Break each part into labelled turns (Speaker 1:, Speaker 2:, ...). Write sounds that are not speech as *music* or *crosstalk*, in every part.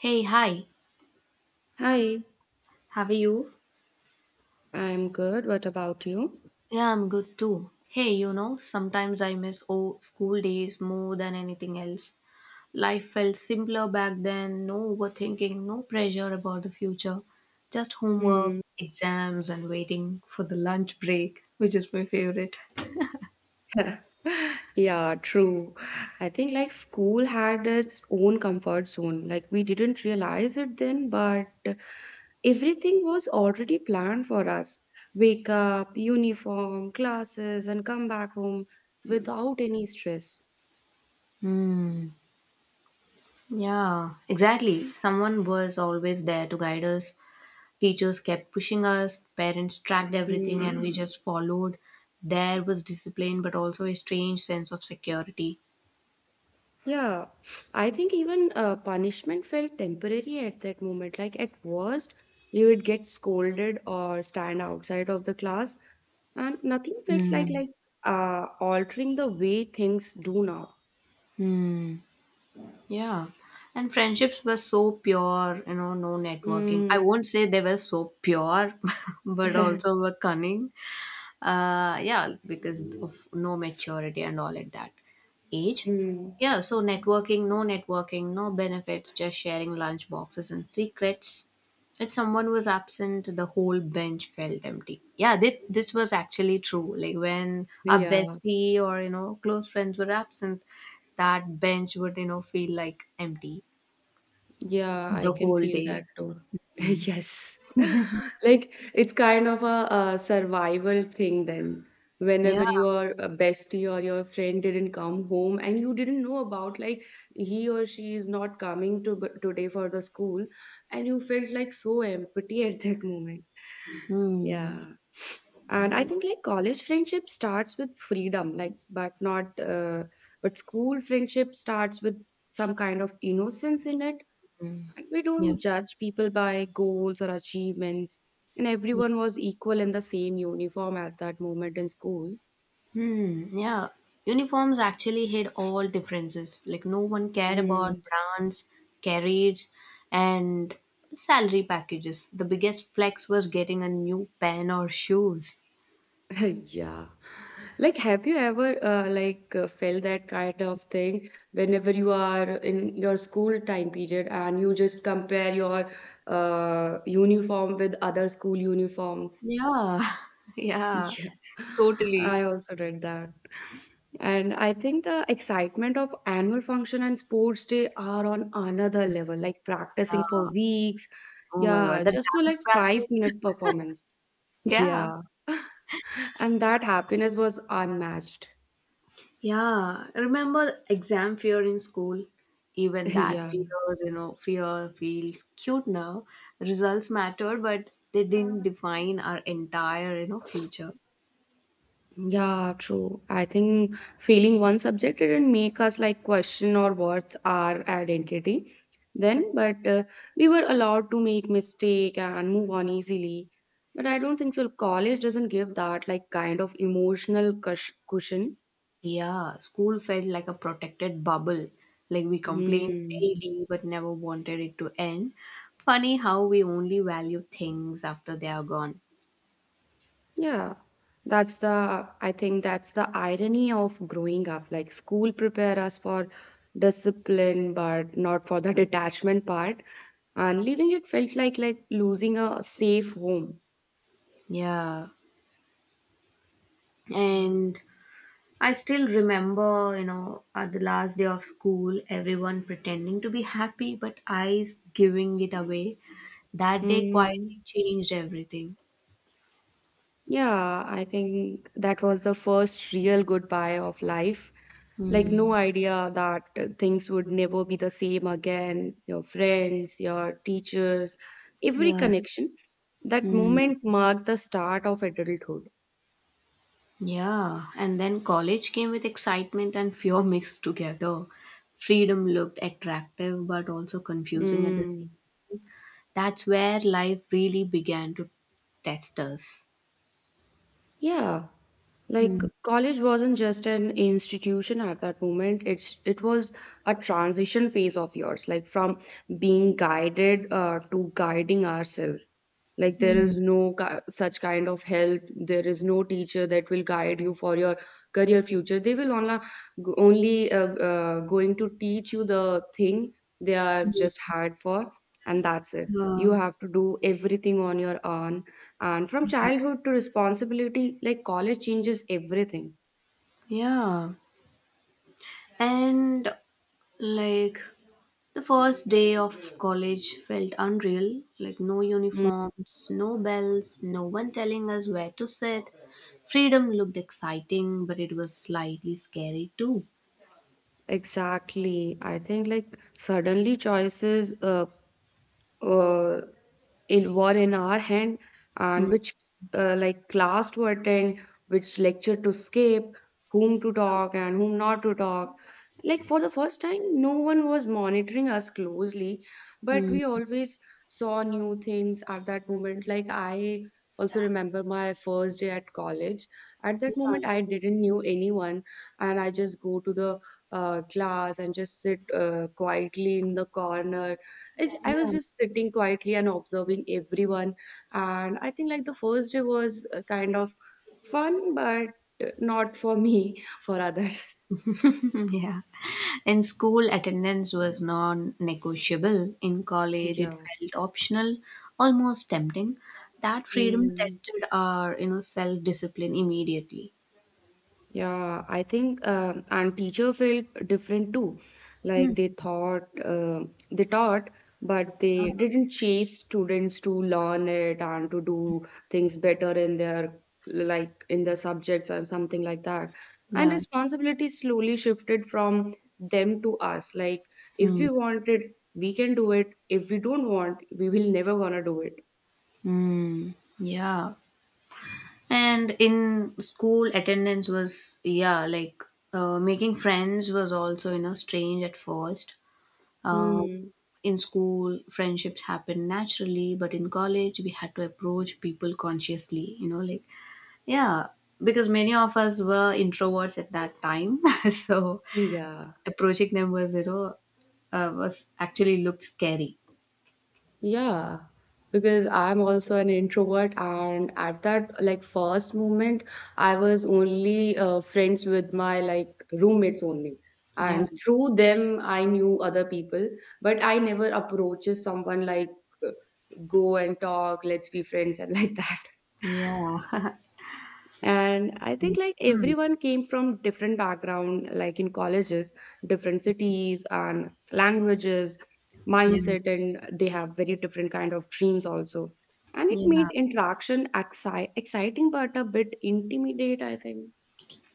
Speaker 1: Hey, hi,
Speaker 2: Hi,
Speaker 1: how are you?
Speaker 2: I'm good. What about you?
Speaker 1: Yeah, I'm good too. Hey, sometimes I miss old school days more than anything else. Life felt simpler back then, no overthinking, no pressure about the future, just homework,
Speaker 2: Hmm.
Speaker 1: exams, and waiting for the lunch break, which is my favorite.
Speaker 2: *laughs* Yeah, true. I think like school had its own comfort zone. Like we didn't realize it then, but everything was already planned for us. Wake up, uniform, classes, and come back home without any stress.
Speaker 1: Hmm. Yeah, exactly. Someone was always there to guide us. Teachers kept pushing us, parents tracked everything, and we just followed. There was discipline, but also a strange sense of security.
Speaker 2: Yeah, I think even punishment felt temporary at that moment. Like at worst, you would get scolded or stand outside of the class, and nothing felt like
Speaker 1: Hmm.
Speaker 2: like altering the way things do now.
Speaker 1: Mm. Yeah. And friendships were so pure, you know, no networking. I
Speaker 2: Mm.
Speaker 1: won't say they were so pure, *laughs* but also
Speaker 2: *laughs*
Speaker 1: were cunning. Yeah, because of no maturity and all at that age.
Speaker 2: Mm.
Speaker 1: Yeah, so networking, no networking, no benefits, just sharing lunch boxes and secrets. If someone was absent, the whole bench felt empty. Yeah, this was actually true, like when a
Speaker 2: Yeah.
Speaker 1: bestie or close friends were absent, that bench would, feel like empty
Speaker 2: Yeah,
Speaker 1: the
Speaker 2: I can
Speaker 1: whole
Speaker 2: feel
Speaker 1: day.
Speaker 2: that too. *laughs* Yes. *laughs* Like it's kind of a survival thing then.
Speaker 1: Yeah.
Speaker 2: Whenever your bestie or your friend didn't come home and you didn't know about like he or she is not coming to today for the school, and you felt like so empty *laughs* at that moment.
Speaker 1: Hmm.
Speaker 2: Yeah. And I think like college friendship starts with freedom, like but not but school friendship starts with some kind of innocence in it.
Speaker 1: Hmm.
Speaker 2: We
Speaker 1: Yeah.
Speaker 2: don't judge people by goals or achievements, and everyone was equal in the same uniform at that moment in school.
Speaker 1: Hmm, yeah. Uniforms actually hid all differences. Like no one cared about
Speaker 2: Mm.
Speaker 1: brands, carriers, and salary packages. The biggest flex was getting a new pen or shoes.
Speaker 2: *laughs* Yeah. Like, have you ever felt that kind of thing whenever you are in your school time period and you just compare your uniform with other school uniforms? *laughs*
Speaker 1: Yeah, *laughs* yeah,
Speaker 2: Yeah.
Speaker 1: totally.
Speaker 2: I also did that. And I think the excitement of annual function and sports day are on another level, like
Speaker 1: Yeah.
Speaker 2: practicing for weeks.
Speaker 1: Oh my god,
Speaker 2: Yeah,
Speaker 1: the
Speaker 2: just for
Speaker 1: dance
Speaker 2: like five
Speaker 1: practice.
Speaker 2: minute performance.
Speaker 1: Yeah.
Speaker 2: Yeah. *laughs* And that happiness was unmatched.
Speaker 1: Yeah, remember exam fear in school? Even
Speaker 2: *laughs*
Speaker 1: that
Speaker 2: Yeah.
Speaker 1: fears, fear feels cute now. Results mattered, but they didn't define our entire, future.
Speaker 2: Yeah, true. I think failing one subject didn't make us like question or worth our identity then, but we were allowed to make mistake and move on easily. But I don't think so. College doesn't give that like kind of emotional cushion.
Speaker 1: Yeah, school felt like a protected bubble. Like we complained
Speaker 2: Hmm.
Speaker 1: daily, but never wanted it to end. Funny how we only value things after they are gone.
Speaker 2: Yeah. I think that's the irony of growing up. Like school prepare us for discipline, but not for the detachment part, and leaving it felt like losing a safe home.
Speaker 1: Yeah, and I still remember, at the last day of school, everyone pretending to be happy, but I giving it away. That day quietly
Speaker 2: Mm,
Speaker 1: changed everything.
Speaker 2: yeah, I think that was the first real goodbye of life. Like no
Speaker 1: Hmm.
Speaker 2: idea that things would never be the same again. Your friends, your teachers, every
Speaker 1: Yeah.
Speaker 2: connection. That
Speaker 1: Hmm.
Speaker 2: moment marked the start of adulthood.
Speaker 1: Yeah. And then college came with excitement and fear mixed together. Freedom looked attractive, but also confusing at the same.
Speaker 2: Mm,
Speaker 1: That's where life really began to test us.
Speaker 2: yeah. Like
Speaker 1: Hmm.
Speaker 2: college wasn't just an institution at that moment. It was a transition phase of yours, like from being guided to guiding ourselves, like there
Speaker 1: Hmm.
Speaker 2: is no such kind of help, there is no teacher that will guide you for your career future. They will only going to teach you the thing they are
Speaker 1: Hmm.
Speaker 2: just hired for, and that's it. You
Speaker 1: Yeah.
Speaker 2: have to do everything on your own, and from
Speaker 1: Yeah.
Speaker 2: childhood to responsibility, like college changes everything.
Speaker 1: Yeah. And like the first day of college felt unreal, like no
Speaker 2: Mm.
Speaker 1: uniforms, no bells, no one telling us where to sit. Freedom looked exciting, but it was slightly scary too.
Speaker 2: Exactly. I think like suddenly choices uh, in were in our hand, and which like class to attend, which lecture to skip, whom to talk and whom not to talk, like for the first time no one was monitoring us closely, but we
Speaker 1: Mm-hmm.
Speaker 2: always saw new things at that moment. Like I also remember my first day at college. At that moment
Speaker 1: Yeah.
Speaker 2: I didn't knew anyone, and I just go to the class and just sit quietly in the corner. I was
Speaker 1: Yeah.
Speaker 2: just sitting quietly and observing everyone. And I think like the first day was kind of fun, but not for me, *laughs* for others.
Speaker 1: *laughs* Yeah. In school, attendance was non negotiable. In college, it
Speaker 2: Yeah.
Speaker 1: felt optional, almost tempting. That freedom
Speaker 2: Hmm.
Speaker 1: tested our, self discipline immediately.
Speaker 2: Yeah, I think and teacher felt different too.
Speaker 1: Hmm.
Speaker 2: Like they taught, but they didn't chase students to learn it and to do things better in their like in their subjects or something like that. And
Speaker 1: Yeah.
Speaker 2: responsibility slowly shifted from them to us. Like if we want it, we can do it. If we don't want, we will never gonna do it.
Speaker 1: Mm, yeah. And in school, attendance was, yeah, like making friends was also, strange at first. Uh,
Speaker 2: Hmm.
Speaker 1: in school, friendships happen naturally, but in college, we had to approach people consciously, yeah, because many of us were introverts at that time. *laughs* So
Speaker 2: Yeah.
Speaker 1: approaching them was, you know, was actually looked scary.
Speaker 2: Yeah, because I'm also an introvert, and at that like first moment, I was only friends with my like roommates only,
Speaker 1: Yeah.
Speaker 2: and through them I knew other people, but I never approaches someone like uh, go and talk, let's be friends and *laughs* like that.
Speaker 1: Yeah. *laughs*
Speaker 2: And I think like
Speaker 1: Hmm.
Speaker 2: everyone came from different background, like in colleges different cities and languages,
Speaker 1: Yeah.
Speaker 2: mindset, and they have very different kind of dreams also, and it
Speaker 1: Yeah.
Speaker 2: made interaction exciting but a bit intimidate, I think.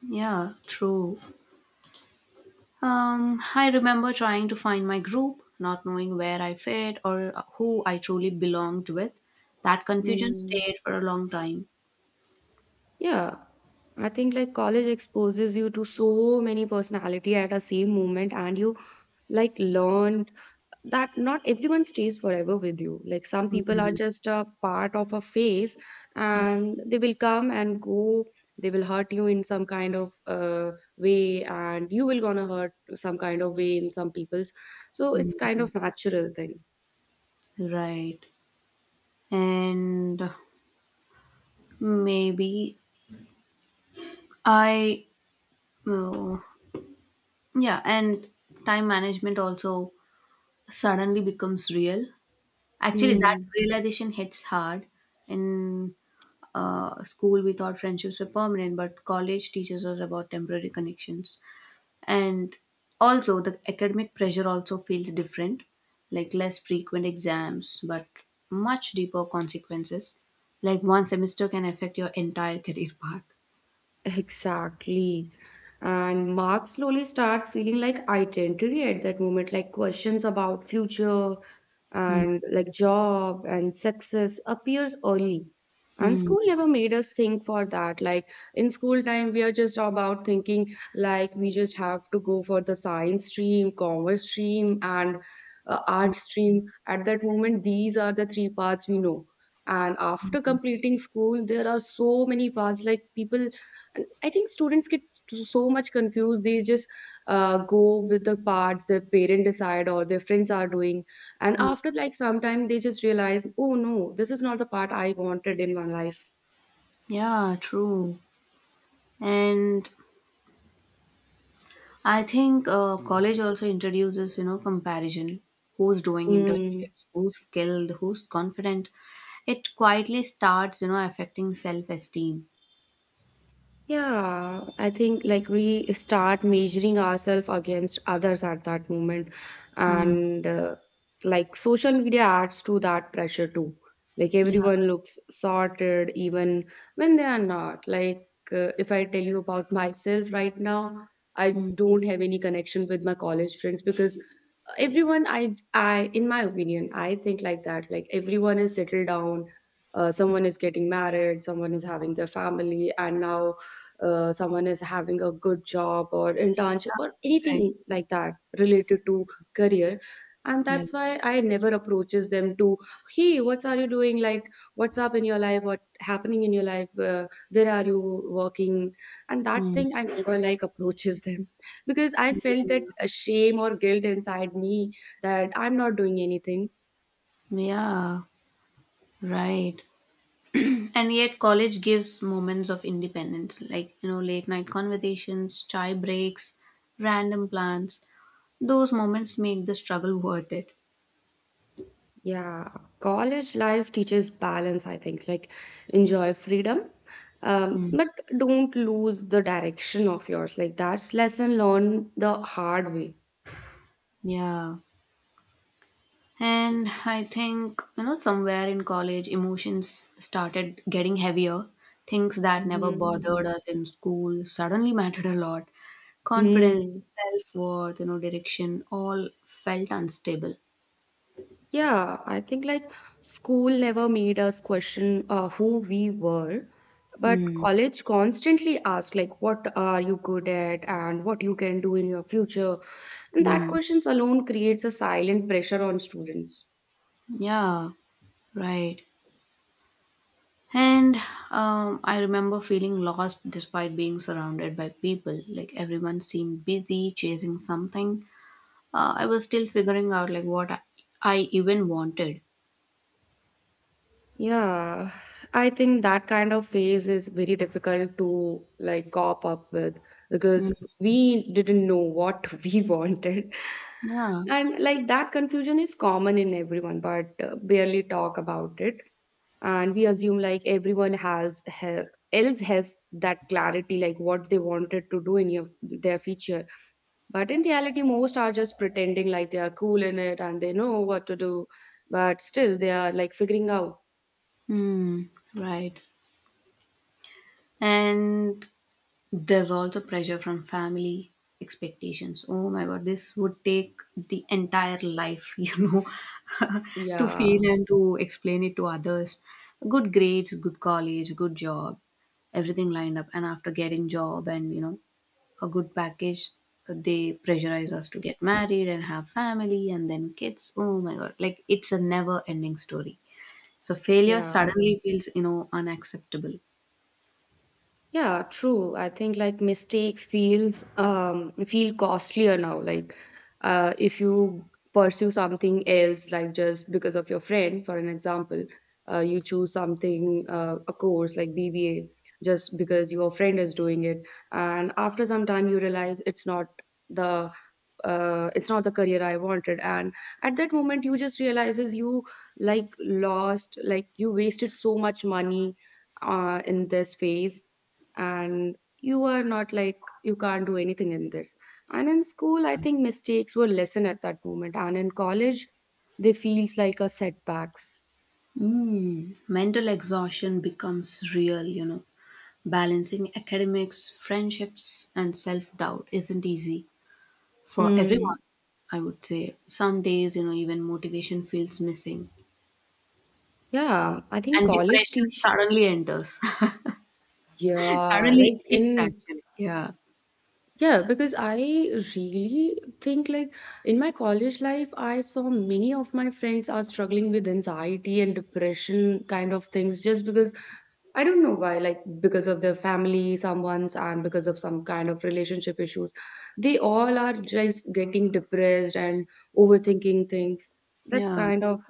Speaker 1: Yeah. True. I remember trying to find my group, not knowing where I fit or who I truly belonged with. That confusion
Speaker 2: Hmm.
Speaker 1: stayed for a long time.
Speaker 2: Yeah, I think like college exposes you to so many personality at a same moment, and you like learn that not everyone stays forever with you. Like some people are
Speaker 1: Mhm.
Speaker 2: just a part of a phase,
Speaker 1: Yeah.
Speaker 2: and they will come and go. They will hurt you in some kind of way, and you will gonna hurt some kind of way in some people's. So it's kind of natural thing.
Speaker 1: Right. And maybe I, oh, yeah, and time management also suddenly becomes real. Actually, that
Speaker 2: Hmm.
Speaker 1: realization hits hard. In school, we thought friendships were permanent, but college teaches us about temporary connections. And also the academic pressure also feels different, like less frequent exams, but much deeper consequences. Like one semester can affect your entire career path.
Speaker 2: Exactly. And Mark slowly start feeling like identity at that moment, like questions about future
Speaker 1: Hmm.
Speaker 2: and like job and success appears early. And
Speaker 1: Hmm.
Speaker 2: school never made us think for that. Like in school time, we are just about thinking like we just have to go for the science stream, commerce stream, and art stream. At that moment, these are the three paths we know. And after completing school, there are so many paths like people, and I think students get so much confused. They just go with the parts their parents decide or their friends are doing, and
Speaker 1: Hmm.
Speaker 2: after like some time, they just realize, oh no, this is not the part I wanted in my life.
Speaker 1: Yeah, true. And I think college also introduces, you know, comparison. Who's doing
Speaker 2: Mm.
Speaker 1: internships, who's skilled, who's confident? It quietly starts, you know, affecting self-esteem.
Speaker 2: Yeah, I think like we start measuring ourselves against others at that moment,
Speaker 1: Hmm.
Speaker 2: and like social media adds to that pressure too. Like
Speaker 1: Yeah.
Speaker 2: everyone looks sorted even when they are not. Like if I tell you about myself right now, I
Speaker 1: Hmm.
Speaker 2: don't have any connection with my college friends, because everyone I in my opinion I think like that. Like everyone is settled down, someone is getting married, someone is having their family, and now someone is having a good job or internship or
Speaker 1: Right.
Speaker 2: anything like that related to career, and
Speaker 1: Yeah.
Speaker 2: that's why I never approaches them to, hey, what are you doing, like what's up in your life, what happening in your life, where are you working, and that
Speaker 1: Hmm.
Speaker 2: thing I never like approaches them, because I felt that
Speaker 1: Yeah.
Speaker 2: a shame or guilt inside me that I'm not doing anything.
Speaker 1: Yeah, right. And yet, college gives moments of independence, like, you know, late night conversations, chai breaks, random plans. Those moments make the struggle worth it.
Speaker 2: Yeah, college life teaches balance, I think, like enjoy freedom,
Speaker 1: Mm.
Speaker 2: but don't lose the direction of yours. Like that's lesson learned the hard way.
Speaker 1: Yeah. And I think, you know, somewhere in college, emotions started getting heavier. Things that never
Speaker 2: Mhm.
Speaker 1: bothered us in school suddenly mattered a lot. Confidence,
Speaker 2: Mm.
Speaker 1: self worth, you know, direction all felt unstable.
Speaker 2: Yeah, I think like school never made us question who we were, but college constantly asked like what are you good at and what you can do in your future. And that
Speaker 1: Mm.
Speaker 2: questions alone creates a silent pressure on students.
Speaker 1: Yeah, right. And I remember feeling lost despite being surrounded by people. Like everyone seemed busy chasing something. I was still figuring out like what I even wanted.
Speaker 2: Yeah, I think that kind of phase is very difficult to like cop up with, because
Speaker 1: Mm.
Speaker 2: we didn't know what *laughs* we wanted.
Speaker 1: Yeah.
Speaker 2: And like that confusion is common in everyone, but barely talk about it. And we assume like everyone else has that clarity, like what they wanted to do in your, their future. But in reality, most are just pretending like they are cool in it and they know what to do, but still they are like figuring out.
Speaker 1: Mm. Right. And there's also pressure from family expectations. Oh my god, this would take the entire life, *laughs* *laughs* to
Speaker 2: Yeah.
Speaker 1: feel and to explain it to others. Good grades, good college, good job, everything lined up. And after getting job and, a good package, they pressurize us to get married and have family and then kids. Oh my god, like it's a never ending story. So failure
Speaker 2: Yeah.
Speaker 1: suddenly feels, unacceptable.
Speaker 2: Yeah, true. I think like mistakes feels feel costlier now. Like if you pursue something else, like just because of your friend, for an example, you choose something a course like BBA just because your friend is doing it, and after some time you realize the it's not the career I wanted, and at that moment you just realizes you like lost, like you wasted so much money in this phase, and you were not like you can't do anything in this. And in school I think mistakes were lesson at that moment, and in college they feels like a setbacks.
Speaker 1: Mm, mental exhaustion becomes real, you know. Balancing academics, friendships, and self doubt isn't easy for everyone,
Speaker 2: Mm,
Speaker 1: I would say. Some days, even motivation feels missing,
Speaker 2: yeah, I think
Speaker 1: and
Speaker 2: college
Speaker 1: depression
Speaker 2: teach,
Speaker 1: suddenly enters, *laughs*
Speaker 2: yeah,
Speaker 1: suddenly
Speaker 2: like
Speaker 1: hits
Speaker 2: in.
Speaker 1: actually. Yeah,
Speaker 2: Yeah, because I really think like in my college life, I saw many of my friends are struggling with anxiety and depression kind of things just because I don't know why, like because of their family, someone's, and because of some kind of relationship issues. They all are just getting depressed and overthinking things. That's
Speaker 1: yeah.
Speaker 2: kind of,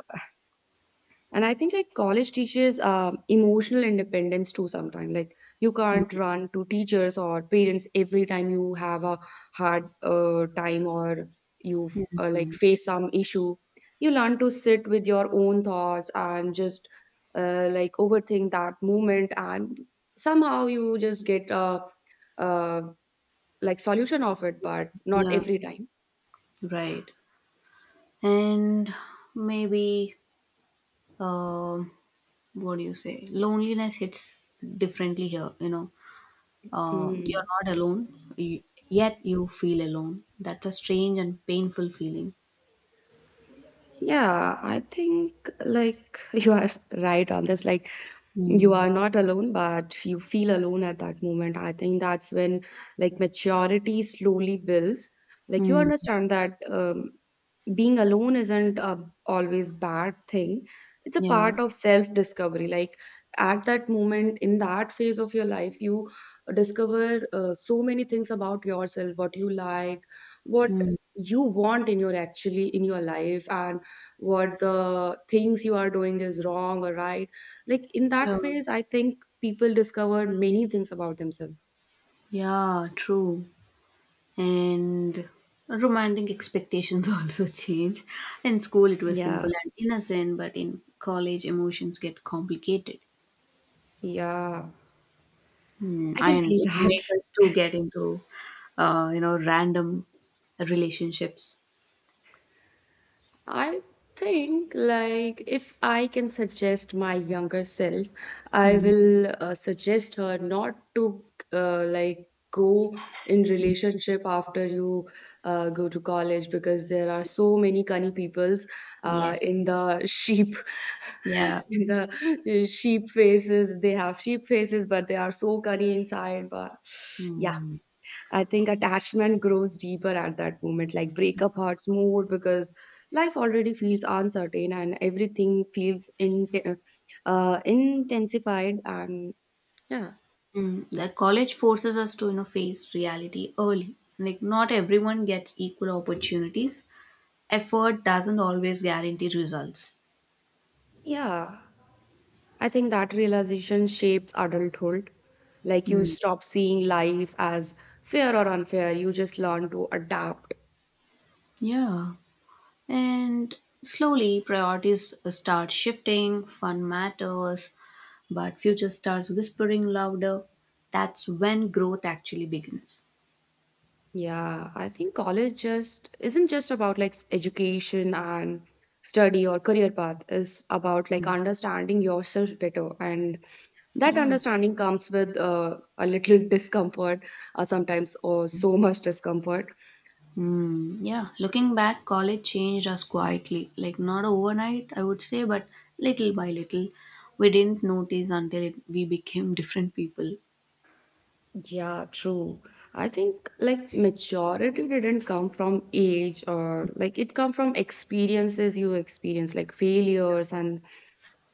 Speaker 2: and I think like college teaches emotional independence too sometimes. Like you can't
Speaker 1: Mm.
Speaker 2: run to teachers or parents every time you have a hard time or you like face some issue. You learn to sit with your own thoughts and just like overthink that moment, and somehow you just get a, uh like solution of it, but not
Speaker 1: Yeah,
Speaker 2: every time.
Speaker 1: right. And maybe, um, what do you say? Loneliness hits differently here, you know.
Speaker 2: Mm.
Speaker 1: You're not alone, yet you feel alone. That's a strange and painful feeling.
Speaker 2: Yeah, I think like *laughs* you are right on this. Like you
Speaker 1: Mm.
Speaker 2: are not alone but you feel alone at that moment, I think that's when, like, maturity slowly builds. Like you
Speaker 1: Mm.
Speaker 2: understand that being alone isn't a always bad thing, it's a
Speaker 1: Yeah.
Speaker 2: part of self discovery. Like at that moment, in that phase of your life, you discover so many things about yourself, what you like, what
Speaker 1: Mm.
Speaker 2: you want in your actually in your life, and what the things you are doing is wrong or right. Like in that
Speaker 1: Yeah.
Speaker 2: phase I think people discover many things about themselves.
Speaker 1: Yeah, true. And romantic expectations *laughs* also change. In school, it was
Speaker 2: Yeah,
Speaker 1: simple and innocent, but in college, emotions get complicated.
Speaker 2: yeah,
Speaker 1: Mm.
Speaker 2: I can
Speaker 1: And
Speaker 2: feel *laughs*
Speaker 1: it
Speaker 2: that.
Speaker 1: make us to get into, random relationships.
Speaker 2: I think, like, if I can suggest my younger self, I
Speaker 1: Mm.
Speaker 2: will suggest her not to, like, go in relationship after you go to college, because there are so many cunny peoples
Speaker 1: Yes.
Speaker 2: in the sheep
Speaker 1: Yeah.
Speaker 2: *laughs* in the sheep faces. They have sheep faces but they are so cunny inside. But yeah,
Speaker 1: Mm.
Speaker 2: I think attachment grows deeper at that moment. Like breakup hurts more because life already feels uncertain and everything feels in, intensified. And yeah,
Speaker 1: Mm, the college forces us to, you know, face reality early. Like not everyone gets equal opportunities. Effort doesn't always guarantee results.
Speaker 2: yeah, I think that realization shapes adulthood. Like you
Speaker 1: Mm.
Speaker 2: stop seeing life as fair or unfair, you just learn to adapt.
Speaker 1: Yeah, and slowly priorities start shifting. Fun matters, but future starts whispering louder. That's when growth actually begins.
Speaker 2: Yeah, I think college just isn't just about like education and study or career path. It's about like understanding yourself better. And that
Speaker 1: Yeah.
Speaker 2: understanding comes with a little *laughs* discomfort sometimes, or so much discomfort.
Speaker 1: Hmm. Yeah, looking back, college changed us quietly. Like, not overnight, I would say, but little by little. We didn't notice until it, we became *laughs* different people.
Speaker 2: Yeah, true. I think like maturity didn't come from age, or like it come from experiences you experience, like failures and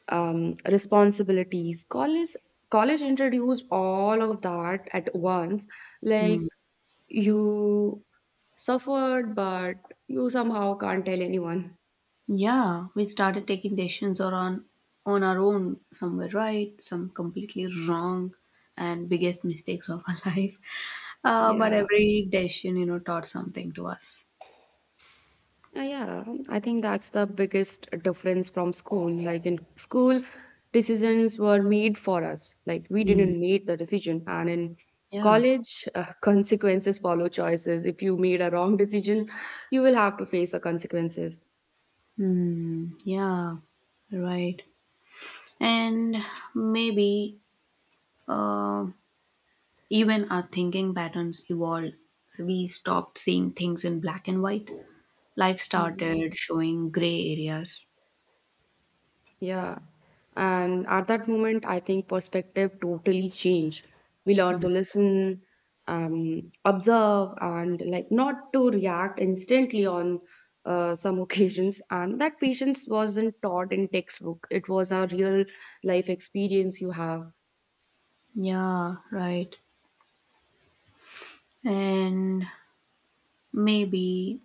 Speaker 2: responsibilities. College introduce all of that at once. Like
Speaker 1: Hmm.
Speaker 2: you suffered, but you somehow can't tell anyone.
Speaker 1: Yeah, we started taking decisions on our own. Some were right, some completely wrong, and biggest mistakes of our *laughs* life. But
Speaker 2: Yeah.
Speaker 1: every decision, taught something to us.
Speaker 2: Yeah, I think that's the biggest difference from school. Like in school, decisions were made for us. Like we
Speaker 1: Hmm.
Speaker 2: didn't make the decision. And in
Speaker 1: Yeah.
Speaker 2: college, *laughs* consequences follow choices. If you made a wrong decision, you will have to face the consequences.
Speaker 1: Hmm. Yeah, right. And maybe uh, even our thinking patterns evolved. We stopped seeing things in black and white. Life
Speaker 2: Mhm.
Speaker 1: started showing gray areas.
Speaker 2: Yeah. And at that moment, I think perspective totally changed. We learn
Speaker 1: Mm.
Speaker 2: to listen, observe, and like not to react instantly on some *laughs* occasions. And that patience wasn't taught in textbook. It was a real life experience you have.
Speaker 1: Yeah, right. And maybe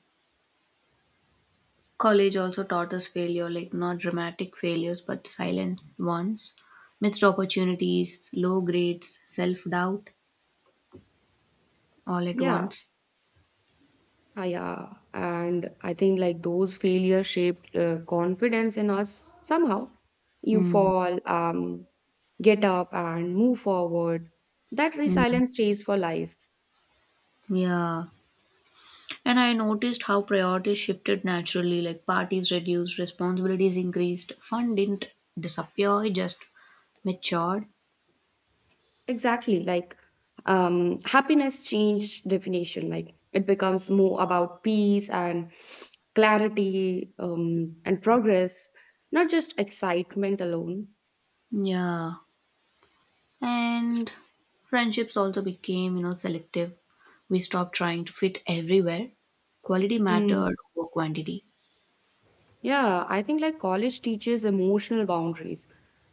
Speaker 1: college also taught us failure, like not dramatic failures, but silent ones. Missed opportunities, low grades, self doubt, all at
Speaker 2: Yeah.
Speaker 1: once.
Speaker 2: Ah, yeah, and I think like those failures shaped confidence in us somehow. You
Speaker 1: Mm.
Speaker 2: fall, get up, and move forward. That
Speaker 1: Mm.
Speaker 2: resilience stays for life.
Speaker 1: Yeah. And I noticed how priorities shifted naturally, like parties reduced, responsibilities increased, fun didn't disappear, it just matured.
Speaker 2: Exactly, like happiness changed definition. Like it becomes more about peace and clarity and progress, not just excitement alone.
Speaker 1: Yeah. And friendships also became, you know, selective. We stopped trying to fit everywhere. Quality
Speaker 2: Hmm.
Speaker 1: mattered over quantity.
Speaker 2: Yeah, I think like college teaches emotional boundaries.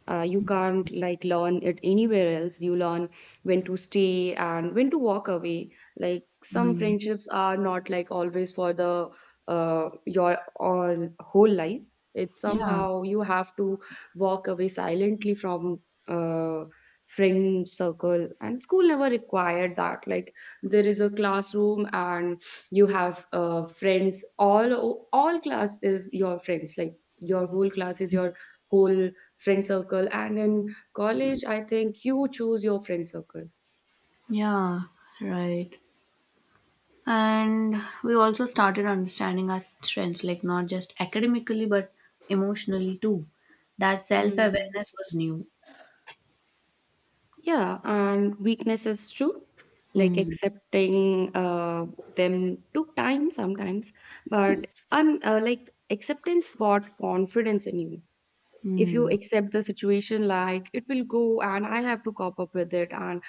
Speaker 2: You can't like learn it anywhere else. You learn when to stay and when to walk away. Like some
Speaker 1: Mm.
Speaker 2: friendships are not like always for the your all whole life. It's
Speaker 1: Yeah.
Speaker 2: somehow you have to walk away silently from uh friend circle, and school never required that. Like there is a classroom and you have friends, all class is your friends, like your whole class is your whole friend circle. And in college I think you choose your friend circle.
Speaker 1: Yeah, right. And we also started understanding our strengths, like not just academically, but emotionally too. That self
Speaker 2: Mm,
Speaker 1: awareness was new.
Speaker 2: yeah, and weaknesses too, like
Speaker 1: Hmm.
Speaker 2: accepting them took time sometimes, but like acceptance brought confidence in you. If you
Speaker 1: Hmm.
Speaker 2: accept the situation, like it will go, and I have to cop up with it, and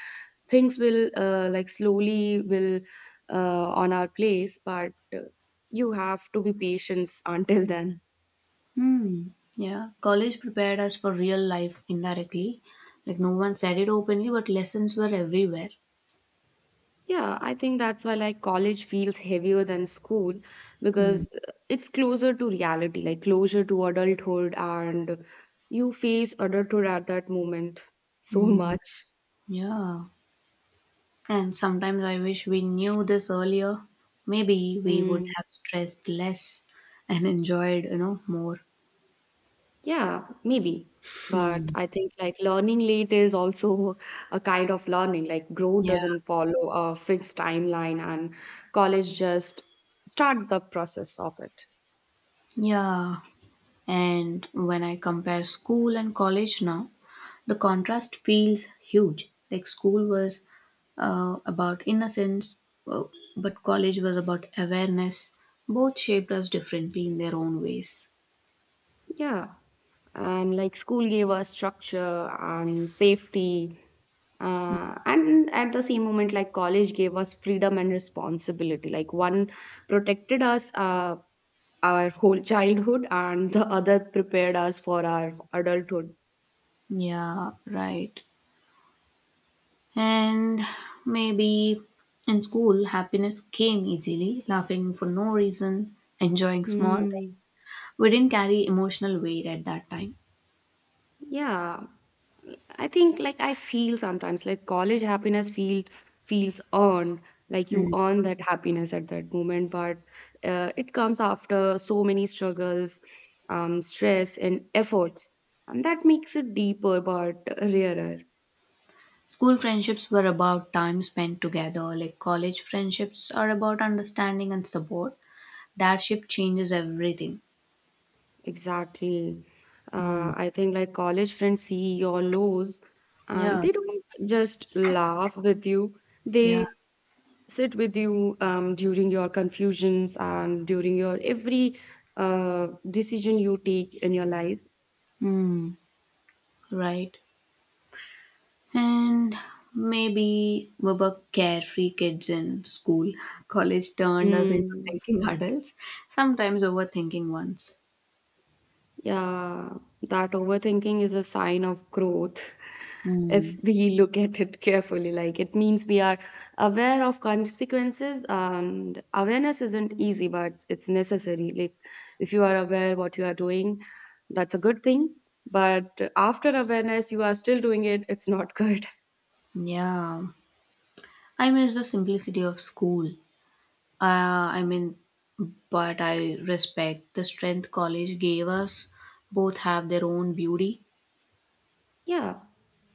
Speaker 2: things will like slowly will on our place, but you have to be patient until then.
Speaker 1: Hmm. Yeah, college prepared us for real life indirectly. Like no one said it openly, but lessons were everywhere.
Speaker 2: Yeah, I think that's why like college feels heavier than school,
Speaker 1: Hmm.
Speaker 2: because it's closer to reality, like closer to adulthood, and you face adulthood at that moment so
Speaker 1: Hmm.
Speaker 2: much.
Speaker 1: Yeah. And sometimes I wish we knew this earlier. Maybe we would
Speaker 2: Hmm.
Speaker 1: have stressed less and *laughs* enjoyed, more.
Speaker 2: Yeah, maybe. But
Speaker 1: Hmm.
Speaker 2: I think like learning late is also a kind of learning. Like growth
Speaker 1: Yeah.
Speaker 2: doesn't follow a fixed timeline, and college just start the process of it.
Speaker 1: Yeah. And when I compare school and college now, the contrast feels huge. Like school was about innocence, uh, but college was about awareness. Both shaped us differently in their own ways.
Speaker 2: Yeah. And like school gave us structure and safety. And at the same moment, like college gave us freedom and responsibility. Like one protected us our whole *laughs* childhood, and the other prepared us for our adulthood.
Speaker 1: Yeah, right. And maybe in school, happiness came easily, laughing for no reason, enjoying small things.
Speaker 2: Hmm.
Speaker 1: We didn't carry emotional weight at that time.
Speaker 2: Yeah, I think like I feel sometimes like college happiness feels earned, like you earn that happiness at that moment, but it comes after so many struggles, stress and efforts, and that makes it deeper but rarer.
Speaker 1: School friendships were about time spent together, like college friendships are about understanding and support. That shift changes everything.
Speaker 2: Exactly.
Speaker 1: Mm.
Speaker 2: I think like college friends see your lows, and
Speaker 1: Yeah,
Speaker 2: they don't just laugh with you.
Speaker 1: yeah.
Speaker 2: They sit with you during your confusions and during your every decision you take in your life.
Speaker 1: Mm. Right. And maybe we were carefree kids in school. *laughs* College turned us into
Speaker 2: Mm,
Speaker 1: thinking adults, sometimes overthinking ones.
Speaker 2: yeah, that overthinking is a sign of growth. *laughs* If
Speaker 1: Mm.
Speaker 2: we look at it carefully, like it means we are aware of consequences, and awareness isn't easy, but it's necessary. Like, if you are aware what you are doing, that's a good thing. But after awareness, you are still doing it, it's not *laughs* good.
Speaker 1: Yeah. I miss the simplicity of school. Uh, I mean, but I respect the strength college gave us. Both have their own beauty.
Speaker 2: Yeah,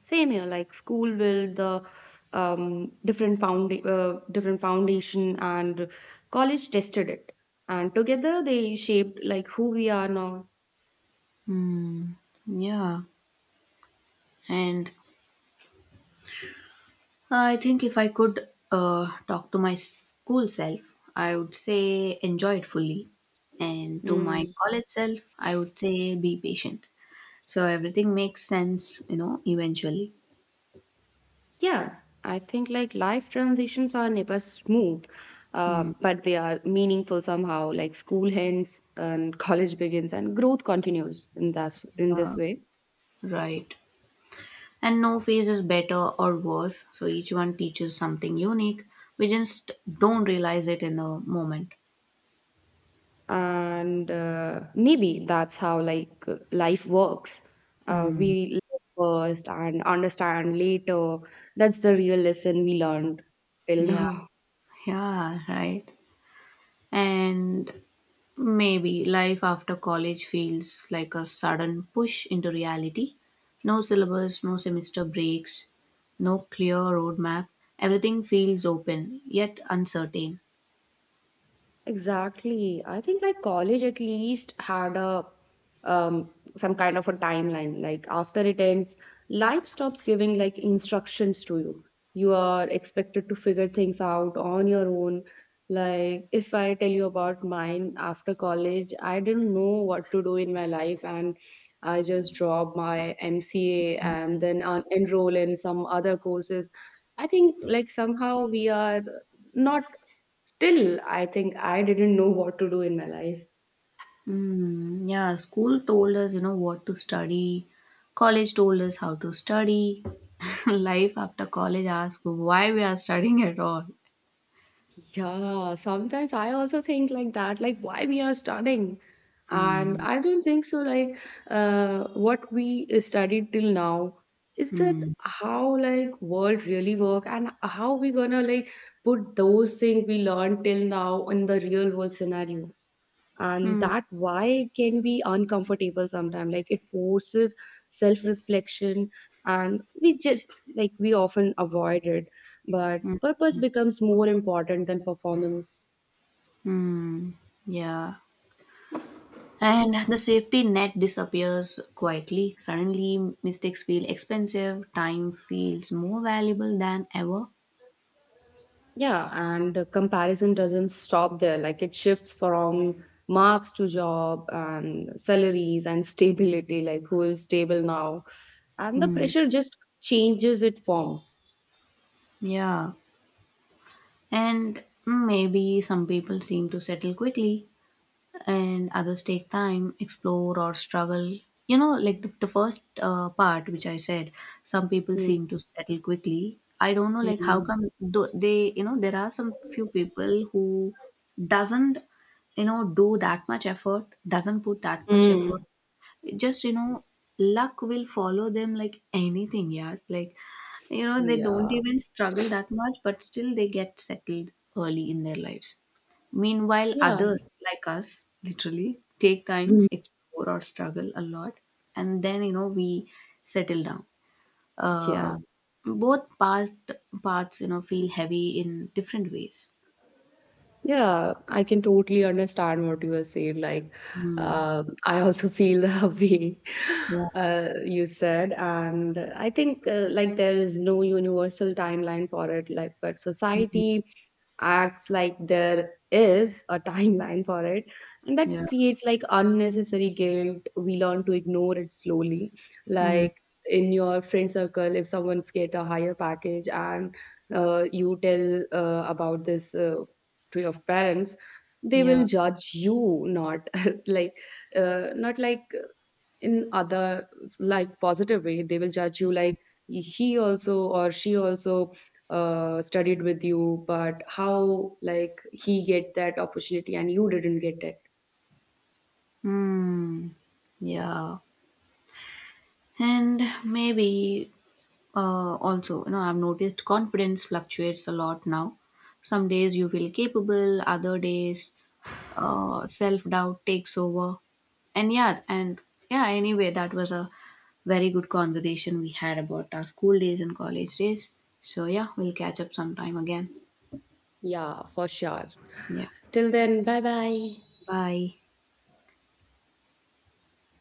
Speaker 2: same here. Like school build the different found different foundation, and college tested it, and together they shaped like who we are now.
Speaker 1: Hmm. Yeah. And I think if I could talk to my school self, I would say enjoy it fully. And to my
Speaker 2: Mm.
Speaker 1: college self, I would say be patient. So everything makes sense, eventually.
Speaker 2: Yeah, I think like life transitions are never smooth,
Speaker 1: Hmm.
Speaker 2: but they are meaningful somehow. Like school ends and college begins, and growth continues in that in this
Speaker 1: Uh,
Speaker 2: way.
Speaker 1: right. And no phase is better or worse, so each one teaches something unique. We just don't realize it in the moment.
Speaker 2: And maybe that's how like life works.
Speaker 1: Hmm.
Speaker 2: We live first and understand later. That's the real lesson we learned till
Speaker 1: Yeah,
Speaker 2: now.
Speaker 1: yeah, right. And maybe life after college feels like a sudden push into reality. No syllabus, no semester breaks, no clear roadmap. Everything feels open, yet uncertain.
Speaker 2: Exactly. I think like college at least had a um some kind of a timeline. Like after it ends, life stops giving like instructions to you. You are expected to figure things out on your own. Like if I tell you about mine after college, I didn't know what to do in my life, and I just dropped my MCA and then enroll in some other courses. I think like somehow we are not still, I think I didn't know what to do in my life.
Speaker 1: Mm, yeah, school told us, what to study. College told us how to study. *laughs* Life after college asked why we are studying at all.
Speaker 2: Yeah, sometimes I also think like that, like why we are studying. And
Speaker 1: Mm,
Speaker 2: I don't think so, like what we studied till now is that
Speaker 1: mm,
Speaker 2: how like world really work, and how we gonna like put those things we learned till now in the real world scenario. And
Speaker 1: mm,
Speaker 2: that why can be uncomfortable sometimes, like it forces self reflection, and we just like we often avoid it, but
Speaker 1: mm,
Speaker 2: purpose becomes more important than performance.
Speaker 1: mm. Yeah. And the safety net disappears quietly. Suddenly, mistakes feel expensive. Time feels more valuable than ever.
Speaker 2: Yeah, and the comparison doesn't stop there. Like it shifts from marks to job and salaries and *laughs* stability, like who is stable now, and the
Speaker 1: Hmm.
Speaker 2: pressure just changes its forms.
Speaker 1: Yeah. And maybe some people seem to settle quickly, and others take time, explore, or struggle. You know, like the first part which I said, some people
Speaker 2: Mm,
Speaker 1: seem to settle quickly. I don't know, like how
Speaker 2: mm,
Speaker 1: come though they, there are some few people who doesn't, do that much effort, doesn't put that much effort.
Speaker 2: mm.
Speaker 1: Just, you know, luck will follow them like anything, yeah. Like, you know, they don't
Speaker 2: Yeah,
Speaker 1: even struggle that much, but still they get settled early in their lives, meanwhile
Speaker 2: yeah,
Speaker 1: others like us literally take time,
Speaker 2: *laughs*
Speaker 1: explore, or struggle a lot, and then, you know, we settle down. uh,
Speaker 2: yeah.
Speaker 1: Both paths, you know, feel heavy in different ways.
Speaker 2: Yeah, I can totally understand what you are saying. Like,
Speaker 1: Mm.
Speaker 2: I also feel the *laughs* way
Speaker 1: Yeah.
Speaker 2: you said, and I think like there is no universal timeline for it. Like, but
Speaker 1: Mhm.
Speaker 2: society acts like there is a timeline for it, and that
Speaker 1: Yeah.
Speaker 2: creates like unnecessary guilt. We learn to ignore it slowly.
Speaker 1: Mm.
Speaker 2: Like in your friend circle, if someone's get a higher package and you tell about this. To your parents, they
Speaker 1: Yeah.
Speaker 2: will judge you, not *laughs* like not like in other like positive way. They will judge you like he also or she also studied with you, but how like he get that opportunity and you didn't get it.
Speaker 1: Mm. Yeah. And maybe also, you know, I've noticed confidence fluctuates a lot now. Some days you feel capable, other days self-doubt takes over. And yeah, and yeah, anyway, that was a very good conversation we had about our school days and college days. So yeah, we'll catch up sometime again.
Speaker 2: Yeah, for sure.
Speaker 1: Yeah,
Speaker 2: Till then, bye bye.
Speaker 1: bye.